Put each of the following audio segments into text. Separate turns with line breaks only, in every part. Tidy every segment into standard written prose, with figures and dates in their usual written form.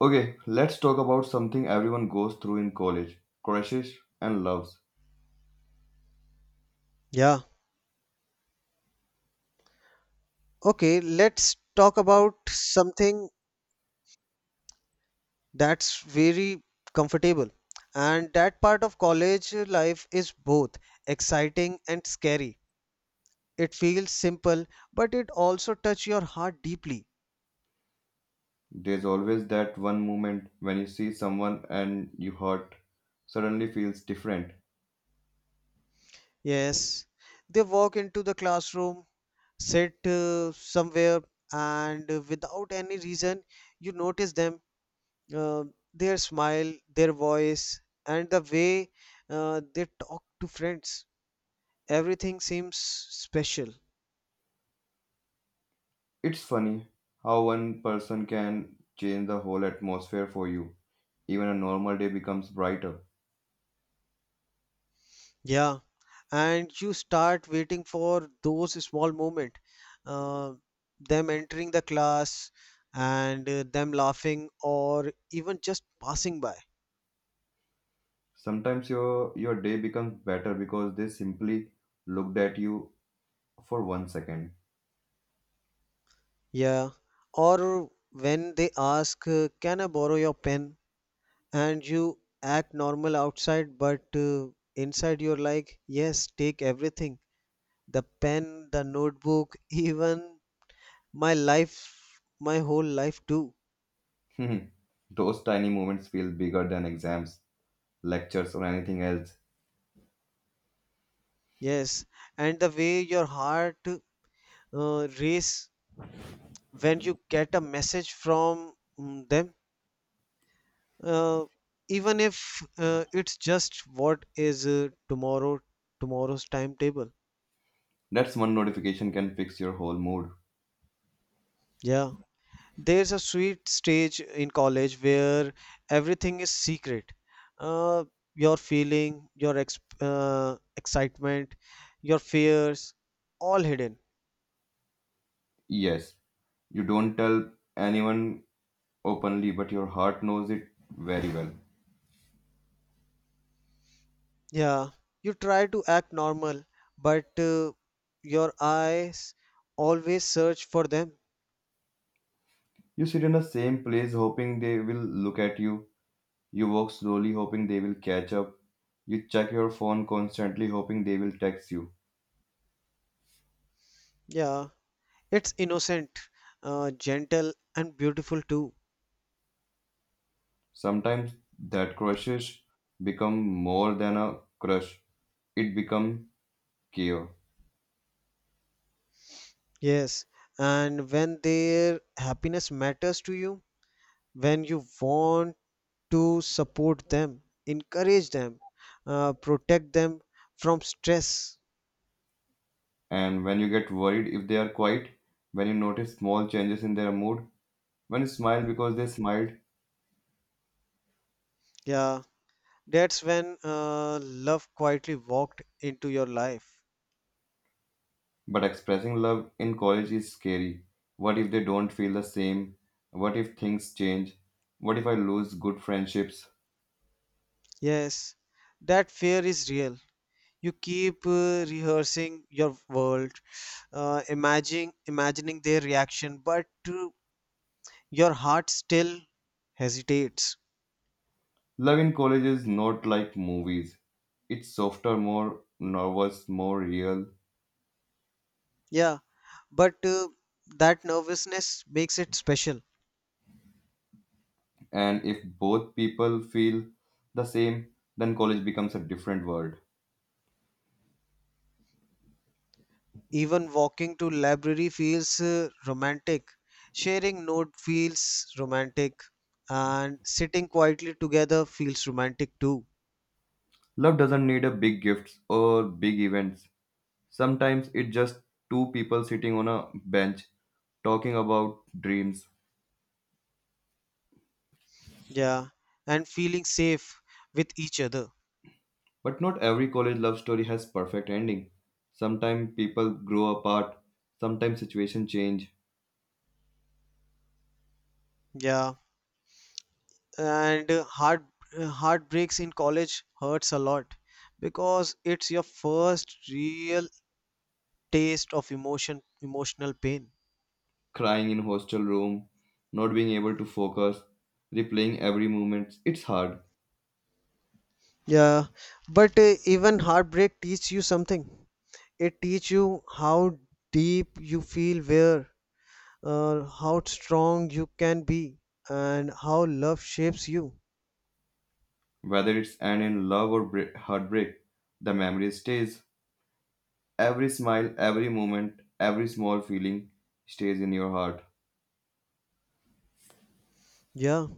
Okay, let's talk about something everyone goes through in college crushes and loves.
Yeah. Okay, let's talk about something that's very comfortable. And that part of college life is both exciting and scary. It feels simple, but it also touches your heart deeply.
There's always that one moment when you see someone and you hurt suddenly feels different.
Yes. They walk into the classroom, sit somewhere, and without any reason, you notice them, uh, their smile, their voice, and the way they talk to friends. Everything seems special.
It's funny how one person can change the whole atmosphere for you. Even a normal day becomes brighter.
Yeah, and you start waiting for those small moment, uh, them entering the class and them laughing or even just passing by.
Sometimes your day becomes better because they simply looked at you for one second.
Yeah, or when they ask, "Can I borrow your pen?" And you act normal outside, but inside you're like, "Yes, take everything. The pen, the notebook, even my life, my whole life too."
Those tiny moments feel bigger than exams, lectures, or anything else.
Yes, and the way your heart race when you get a message from them, uh, even if it's just what is tomorrow tomorrow's timetable.
That's one notification can fix your whole mood.
Yeah, there's a sweet stage in college where everything is secret. Uh, your feeling, your ex excitement, your fears, all hidden.
Yes, you don't tell anyone openly, but your heart knows it very well.
Yeah, you try to act normal, but your eyes always search for them.
You sit in the same place hoping they will look at you. You walk slowly hoping they will catch up. You check your phone constantly hoping they will text you.
Yeah, it's innocent, gentle, and beautiful too.
Sometimes that crushes become more than a crush. It become care.
Yes, and when their happiness matters to you, when you want to support them, encourage them, protect them from stress,
And when you get worried if they are quiet, when you notice small changes in their mood, when you smile because they smiled.
yeah, that's when love quietly walked into your life.
But expressing love in college is scary. What if they don't feel the same? What if things change? What if I lose good friendships?
Yes, that fear is real. You keep rehearsing your world, imagining their reaction, but uh, your heart still hesitates.
Love in college is not like movies. It's softer, more nervous, more real.
Yeah, but that nervousness makes it special.
And if both people feel the same, then college becomes a different world.
Even walking to library feels romantic, sharing note feels romantic, and sitting quietly together feels romantic too.
Love doesn't need a big gifts or big events. Sometimes it's just two people sitting on a bench talking about dreams.
Yeah, and feeling safe with each other.
But not every college love story has perfect ending. Sometimes people grow apart, sometimes situations change,
Yeah, and heartbreaks in college hurts a lot because it's your first real taste of emotional pain.
crying in hostel room, not being able to focus, replaying every moment. It's hard.
Yeah, but even heartbreak teaches you something. It teaches you how deep you feel, where, how strong you can be, and how love shapes you.
Whether it's end in love or break, heartbreak, the memory stays. Every smile, every moment, every small feeling stays in your heart.
Yeah,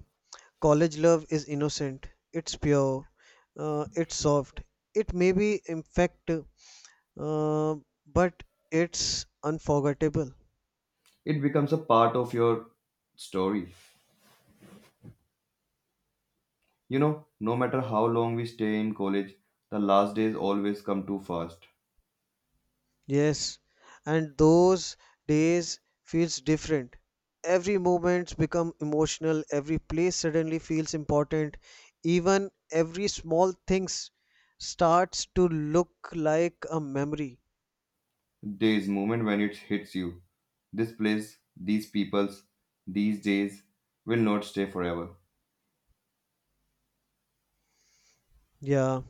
college love is innocent. It's pure. It's soft. It may be imperfect, uh, but it's unforgettable.
It becomes a part of your story. You know, no matter how long we stay in college, the last days always come too fast.
Yes, and those days feels different. Every moment become emotional, every place suddenly feels important, even every small things starts to look like a memory.
There's moment when it hits you. This place, these peoples, these days will not stay forever.
Yeah,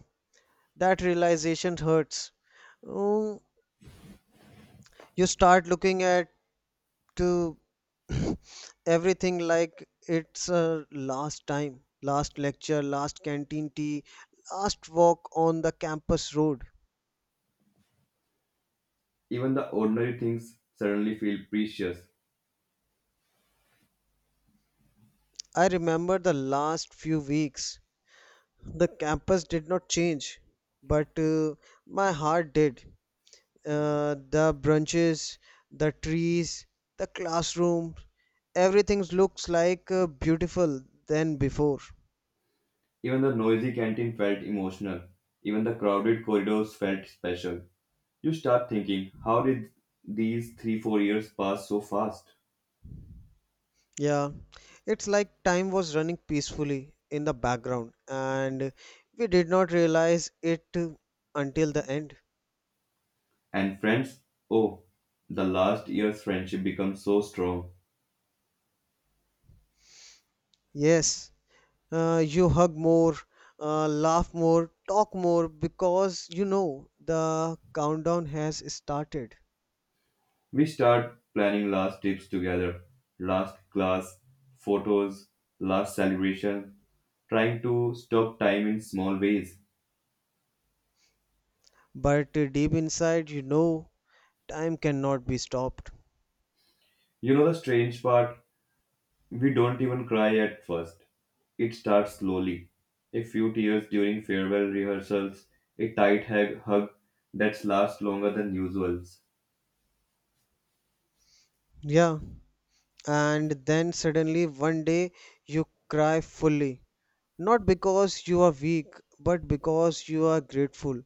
that realization hurts. Um, you start looking at uh, everything like it's last time, last lecture, last canteen tea, last walk on the campus road.
Even the ordinary things suddenly feel precious.
I remember the last few weeks. The campus did not change, but my heart did. The branches, the trees, the classroom, everything looks like beautiful than before.
Even the noisy canteen felt emotional. Even the crowded corridors felt special. You start thinking, how did these 3, 4 years pass so fast?
Yeah, it's like time was running peacefully in the background, and we did not realize it until the end.
And friends, oh, the last year's friendship becomes so strong.
Yes, you hug more, laugh more, talk more because you know the countdown has started.
We start planning last trips together, last class, photos, last celebration, trying to stop time in small ways.
But deep inside, you know time cannot be stopped.
You know the strange part? We don't even cry at first. It starts slowly. A few tears during farewell rehearsals, a tight hug that lasts longer than usual.
Yeah, and then suddenly one day you cry fully. Not because you are weak, but because you are grateful,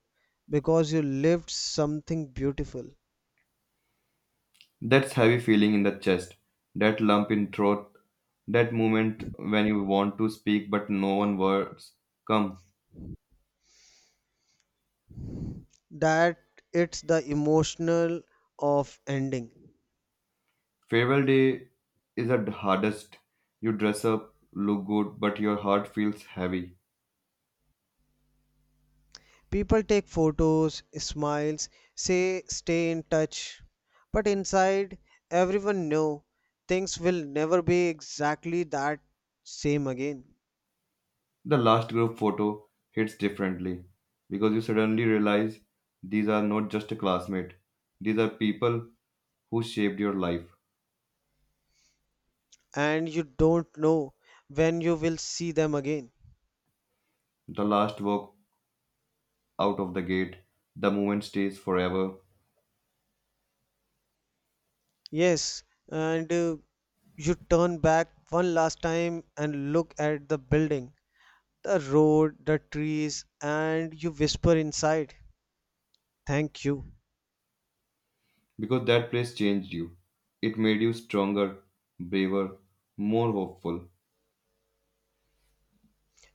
because you lived something beautiful.
That's heavy feeling in the chest, that lump in throat, that moment when you want to speak but no one words come.
That it's the emotional of ending.
Farewell day is the hardest. You dress up, look good, but your heart feels heavy.
People take photos, smiles, say stay in touch, but inside everyone know things will never be exactly that same again,
The last group photo hits differently because you suddenly realize these are not just a classmate, these are people who shaped your life.
and you don't know when you will see them again.
The last walk out of the gate, the moment stays forever
Yes, and you turn back one last time and look at the building, the road, the trees, and you whisper inside, thank you.
because that place changed you. It made you stronger, braver, more hopeful.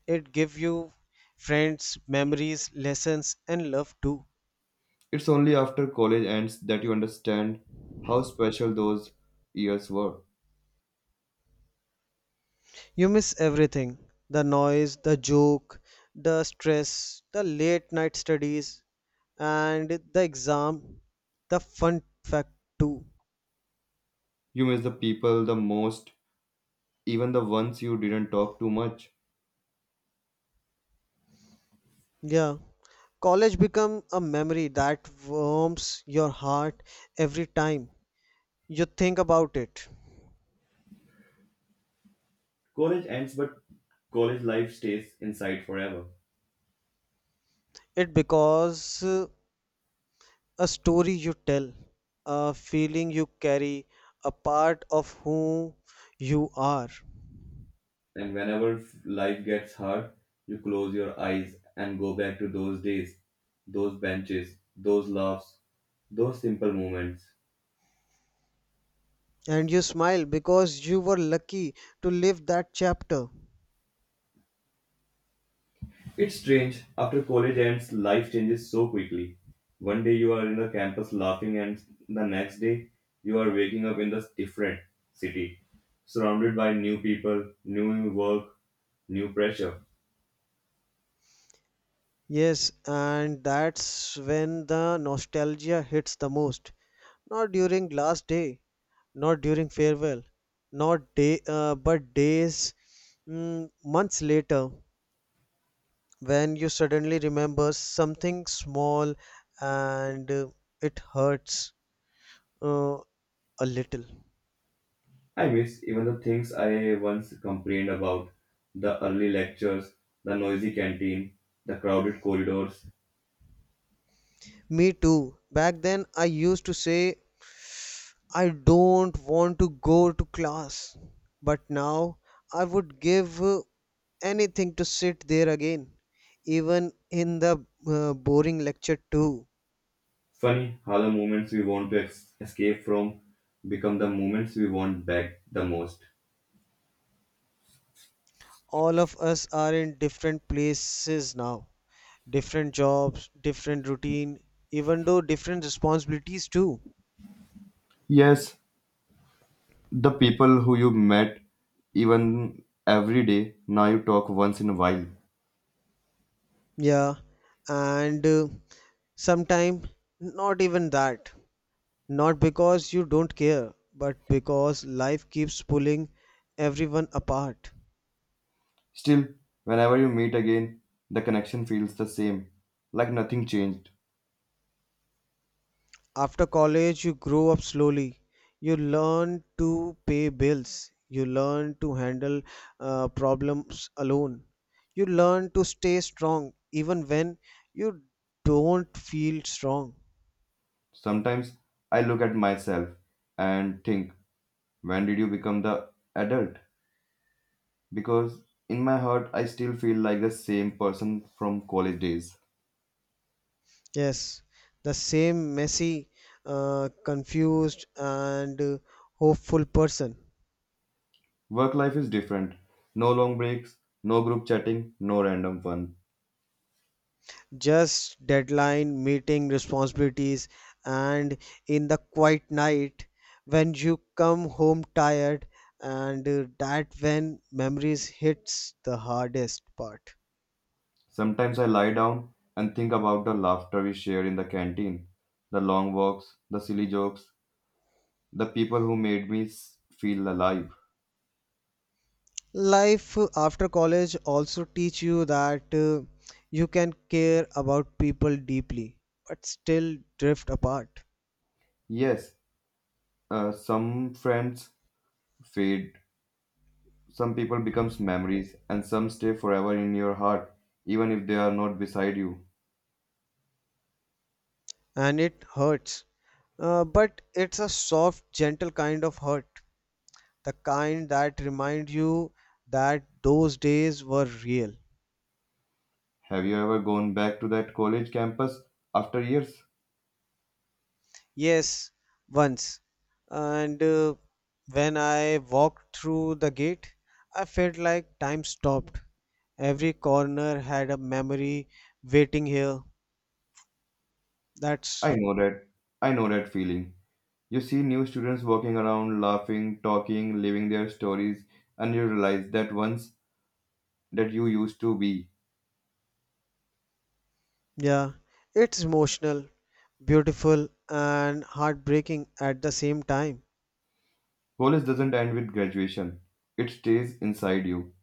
It gives you friends, memories, lessons, and love too.
It's only after college ends that you understand how special those years were.
You miss everything, the noise, the joke, the stress, the late night studies, and the exam, the fun fact too.
You miss the people the most, even the ones you didn't talk too much.
Yeah, college become a memory that warms your heart every time you think about it.
College ends, but college life stays inside forever.
It because a story you tell, a feeling you carry, a part of who you are.
And whenever life gets hard, you close your eyes and go back to those days, those benches, those laughs, those simple moments.
And you smile because you were lucky to live that chapter.
It's strange, after college ends, life changes so quickly. One day you are in the campus laughing, and the next day you are waking up in the different city, surrounded by new people, new work, new pressure.
Yes, and that's when the nostalgia hits the most. Not during last day, not during farewell, not day, but days, months later, when you suddenly remember something small and it hurts uh, a little.
I miss even the things I once complained about the early lectures, the noisy canteen, the crowded corridors.
Me too. Back then, I used to say, I don't want to go to class. But now, I would give anything to sit there again, even in the boring lecture, too.
Funny how the moments we want to escape from become the moments we want back the most.
All of us are in different places now, different jobs, different routine, even though different responsibilities too.
Yes, the people who you met even every day, now you talk once in a while.
Yeah, and sometime not even that. Not because you don't care, but because life keeps pulling everyone apart.
Still, whenever you meet again, the connection feels the same, like nothing changed.
After college, you grow up slowly. You learn to pay bills. You learn to handle problems alone. You learn to stay strong even when you don't feel strong.
Sometimes I look at myself and think, when did you become the adult? Because in my heart, I still feel like the same person from college days.
Yes, the same messy, confused, and hopeful person.
Work life is different. No long breaks, no group chatting, no random fun.
Just deadline, meeting responsibilities, and in the quiet night when you come home tired, and that when memories hits the hardest part.
Sometimes I lie down and think about the laughter we shared in the canteen, the long walks, the silly jokes, the people who made me feel alive.
Life after college also teach you that you can care about people deeply, but still drift apart,
Yes, some friends fade, some people becomes memories, and some stay forever in your heart, even if they are not beside you.
and it hurts. But it's a soft, gentle kind of hurt, the kind that remind you that those days were real.
Have you ever gone back to that college campus after years?
Yes, once. And when I walked through the gate, I felt like time stopped. Every corner had a memory waiting here.
I
That's,
know that. I know that feeling. You see new students walking around, laughing, talking, living their stories, and you realize that once that you used to be.
yeah, it's emotional, beautiful, and heartbreaking at the same time.
College doesn't end with graduation, it stays inside you.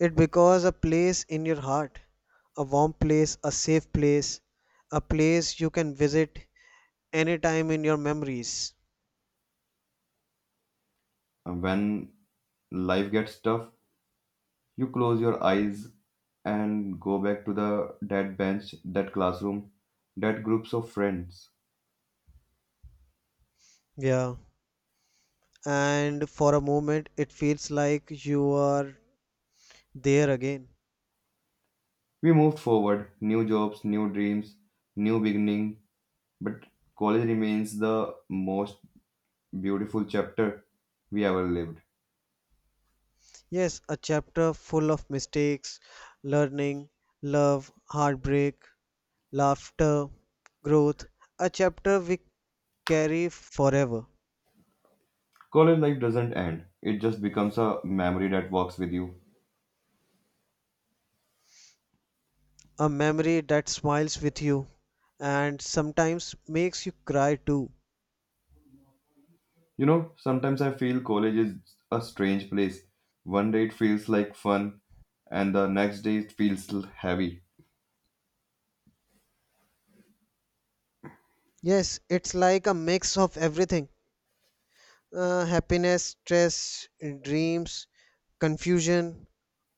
It because a place in your heart, a warm place, a safe place, a place you can visit anytime in your memories.
And when life gets tough, you close your eyes and go back to the that bench, that classroom, that groups of friends.
Yeah. And for a moment, it feels like you are there again.
We moved forward, new jobs, new dreams, new beginning, but college remains the most beautiful chapter we ever lived.
Yes, a chapter full of mistakes, learning, love, heartbreak, laughter, growth. A chapter we carry forever.
College life doesn't end. It just becomes a memory that walks with you.
A memory that smiles with you and sometimes makes you cry too.
You know, sometimes I feel college is a strange place. One day it feels like fun, and the next day it feels heavy.
Yes, it's like a mix of everything, happiness, stress, dreams, confusion,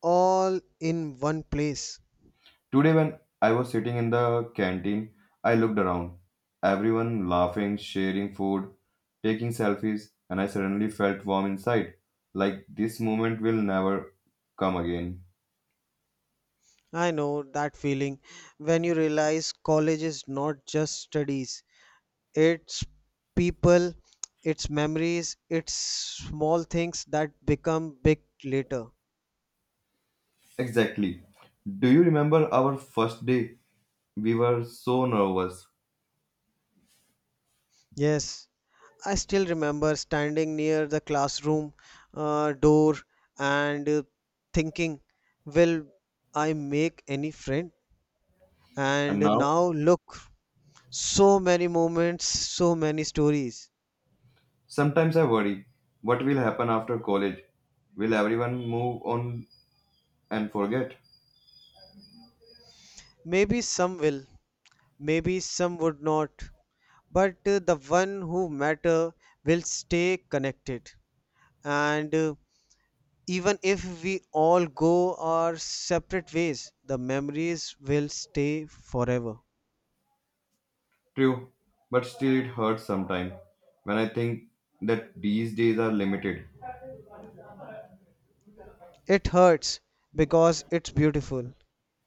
all in one place.
Today, when I was sitting in the canteen, I looked around. Everyone laughing, sharing food, taking selfies, and I suddenly felt warm inside. Like this moment will never come again.
I know that feeling when you realize college is not just studies, it's people, it's memories, it's small things that become big later.
Exactly. Do you remember our first day? We were so nervous.
Yes, I still remember standing near the classroom door and thinking, will I make any friend?
And
And
now.
now look, so many moments, so many stories.
Sometimes I worry what will happen after college? Will everyone move on and forget?
Maybe some will, maybe some would not, but the one who matter will stay connected. And even if we all go our separate ways, the memories will stay forever.
True, but still it hurts sometimes when I think that these days are limited.
It hurts because it's beautiful.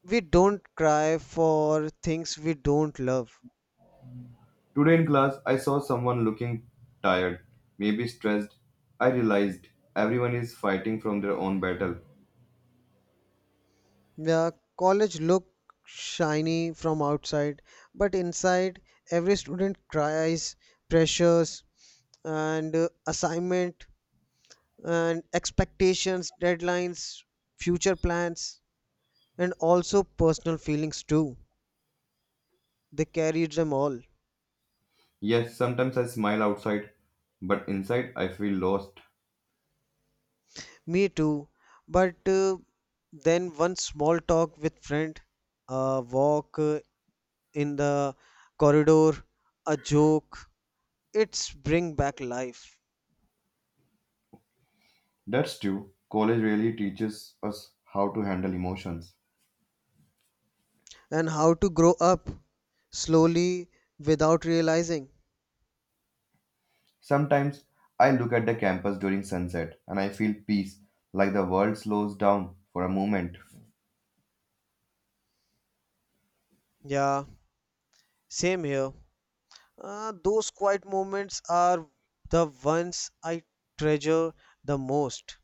We don't cry for things we don't love.
Today in class, I saw someone looking tired, maybe stressed. I realized everyone is fighting from their own battle.
The college look shiny from outside, but inside every student cries, pressures and assignment and expectations, deadlines, future plans, and also personal feelings too. They carried them all.
Yes, sometimes I smile outside, but inside I feel lost.
Me too. But then one small talk with friend, a walk in the corridor, a joke. It's bring back life
That's true. College really teaches us how to handle emotions.
and how to grow up slowly without realizing.
Sometimes I look at the campus during sunset and I feel peace, like the world slows down for a moment.
Yeah, same here. Those quiet moments are the ones I treasure the most.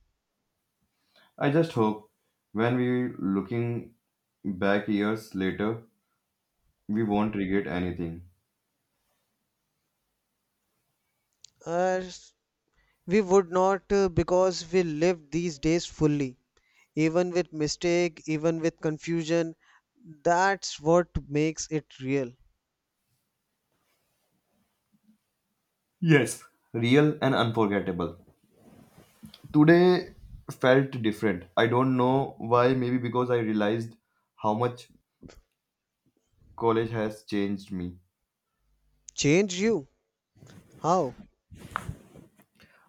I just hope when we looking back years later, we won't regret anything.
Uh, we would not because we live these days fully, even with mistake, even with confusion. That's what makes it real.
Yes. Real and unforgettable. Today felt different. I don't know why, maybe because I realized how much college has changed me.
Change you? How?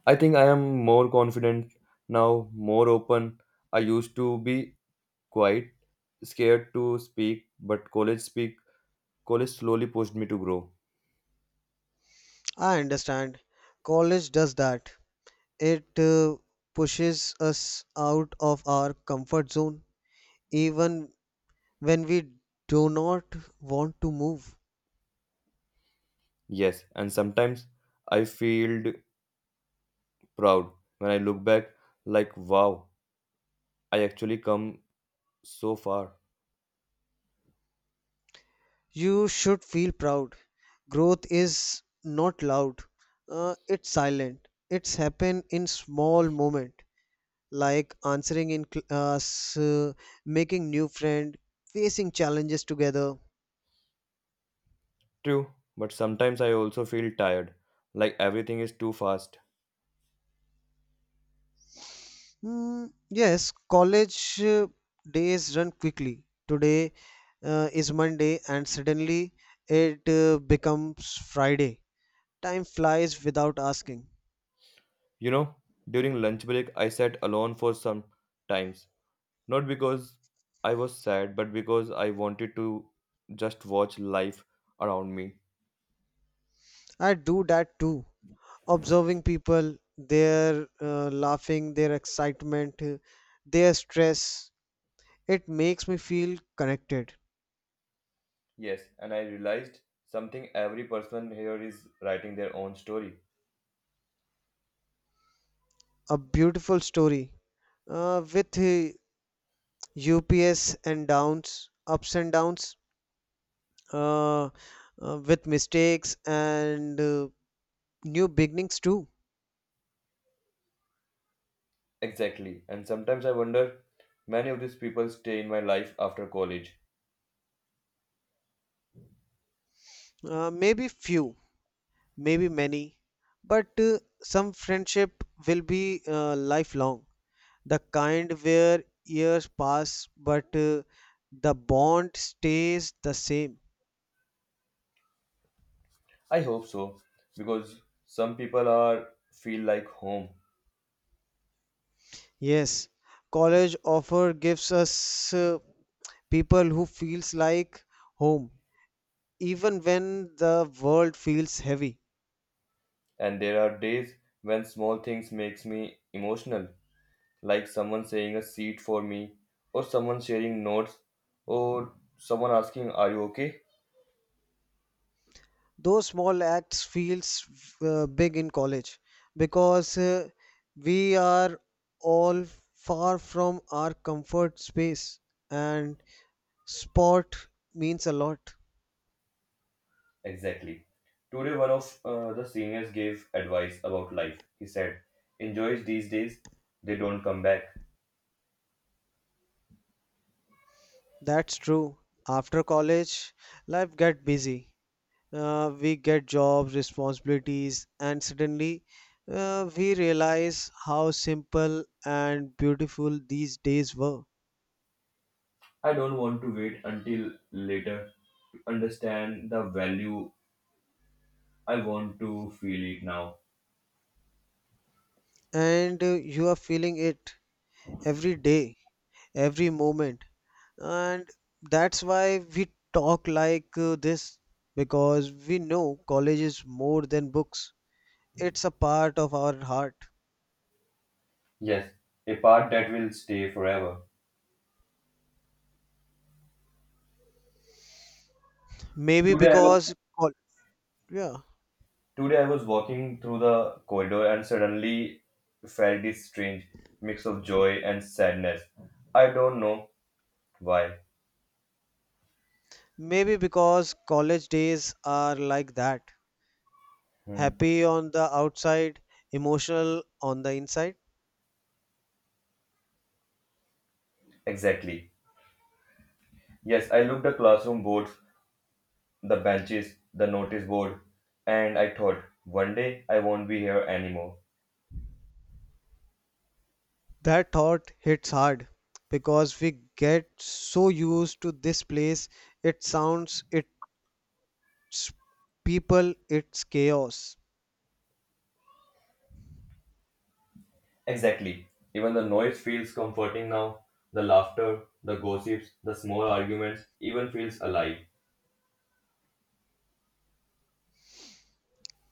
I think I am more confident now, more open. I used to be quiet, scared to speak, but college slowly pushed me to grow.
I understand. College does that. It pushes us out of our comfort zone, even when we do not want to move.
Yes, and sometimes I feel proud when I look back like wow, I actually come so far.
You should feel proud. Growth is not loud. It's silent. It's happen in small moment, like answering in class, making new friend, facing challenges together.
True, but sometimes I also feel tired, like everything is too fast.
Hmm, yes, college days run quickly. Today is Monday, and suddenly it becomes Friday. Time flies without asking.
You know, during lunch break I sat alone for some times, not because I was sad, but because I wanted to just watch life around me.
I do that too. Observing people, their laughing, their excitement, their stress. It makes me feel connected.
Yes, and I realized something every person here is writing their own story.
A beautiful story with ups and downs, uh, with mistakes and new beginnings too.
Exactly. And sometimes I wonder, many of these people stay in my life after college.
Maybe few, maybe many, but some friendship will be lifelong, the kind where years pass but the bond stays the same.
I hope so, because some people are feel like home.
Yes, college offer gives us people who feels like home, even when the world feels heavy.
And there are days when small things makes me emotional, like someone saying a seat for me, or someone sharing notes, or someone asking, "Are you okay?"
Those small acts feels big in college because we are all far from our comfort space, and sport means a lot.
Exactly. Today, one of the seniors gave advice about life. He said, enjoy these days, they don't come back.
That's true. After college, life get busy. We get jobs, responsibilities, and suddenly we realize how simple and beautiful these days were.
I don't want to wait until later to understand the value. I want to feel it now.
And you are feeling it every day, every moment. And that's why we talk like this because we know college is more than books. It's a part of our heart.
Yes, a part that will stay forever.
Maybe
Today, I was,
because, col- yeah.
today I was walking through the corridor and suddenly felt this strange mix of joy and sadness. I don't know why.
Maybe because college days are like that,
Hmm.
happy on the outside, emotional on the inside.
Exactly. Yes, I looked the classroom boards the benches, the notice board, and I thought, one day I won't be here anymore.
That thought hits hard because we get so used to this place, its sounds, its people, its chaos.
Exactly. Even the noise feels comforting now. The laughter, the gossips, the small arguments even feels alive.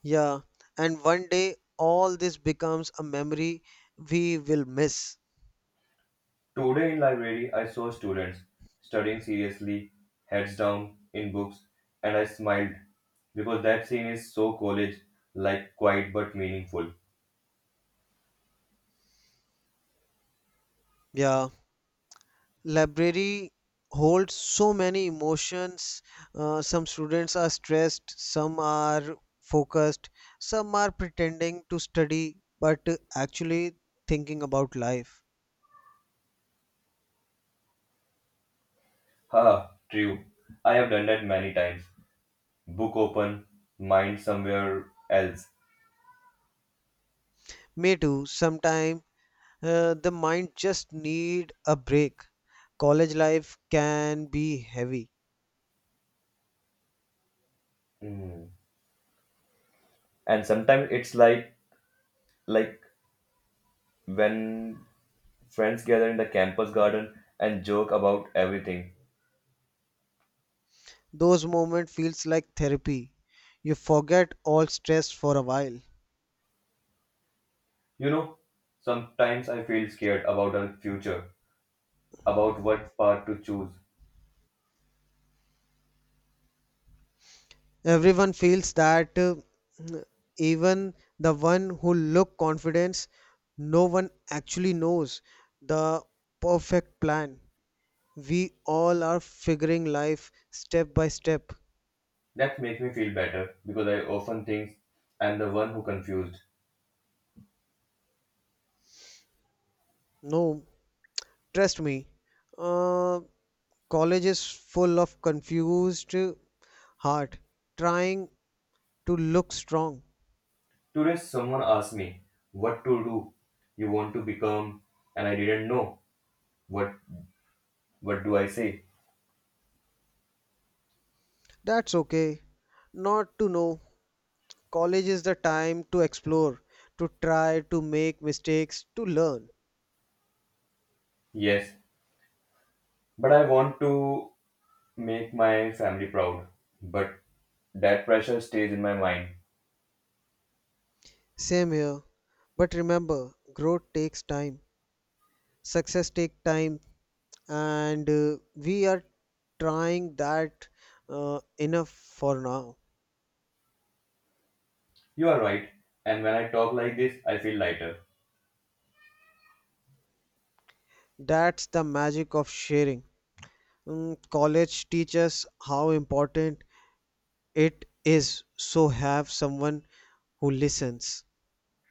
Yeah, and one day all this becomes a memory we will miss.
Today in library I saw students studying seriously, heads down in books, and I smiled because that scene is so college like quiet but meaningful.
Yeah. Library holds so many emotions, some students are stressed, some are focused, some are pretending to study but actually thinking about life.
Ha, true. I have done that many times. Book open, mind somewhere else.
Me too. Sometimes the mind just need a break. College life can be heavy.
Hmm. And sometimes it's like when friends gather in the campus garden and joke about everything.
Those moments feels like therapy, you forget all stress for a while.
You know, sometimes I feel scared about our future, about what path to choose.
Everyone feels that, even the one who look confidence, no one actually knows the perfect plan. We all are figuring life step by step.
That makes me feel better because I often think I'm the one who confused.
No, trust me, uh, college is full of confused heart trying to look strong.
Today someone asked me what to do you want to become, and I didn't know what what do I say.
That's okay not to know. College is the time to explore, to try, to make mistakes, to learn.
Yes, but I want to make my family proud, but that pressure stays in my mind.
Same here. But remember, growth takes time, success takes time, and we are trying, that enough for now.
You are right, and when I talk like this, I feel lighter.
That's the magic of sharing. Mm, college teaches how important it is, so have someone who listens.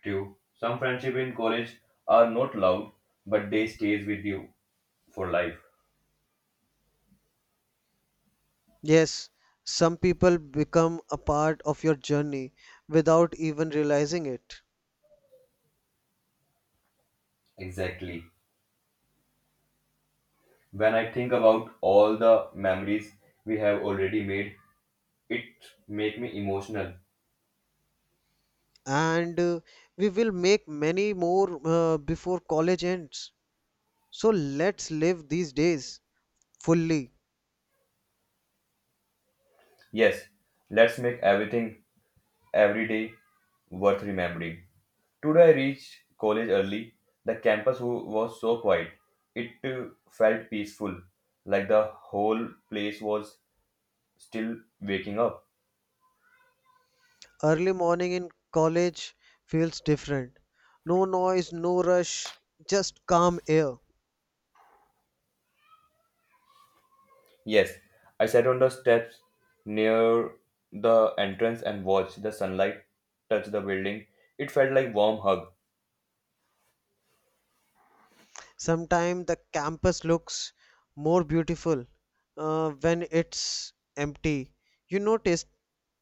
True, some friendship in college are not loud, but they stays with you for life.
Yes, some people become a part of your journey without even realizing it.
Exactly. When I think about all the memories we have already made, it make me emotional.
And we will make many more before college ends. So let's live these days fully.
Yes, let's make everything every day worth remembering. Today I reached college early. The campus was so quiet. It felt peaceful, like the whole place was still waking up.
Early morning in college feels different. No noise, no rush, just calm air.
Yes, I sat on the steps near the entrance and watched the sunlight touch the building. It felt like warm hug.
Sometimes the campus looks more beautiful when it's empty. You notice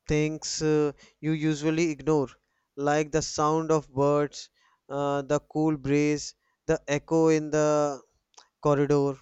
things you usually ignore, like the sound of birds, the cool breeze, the echo in the corridor.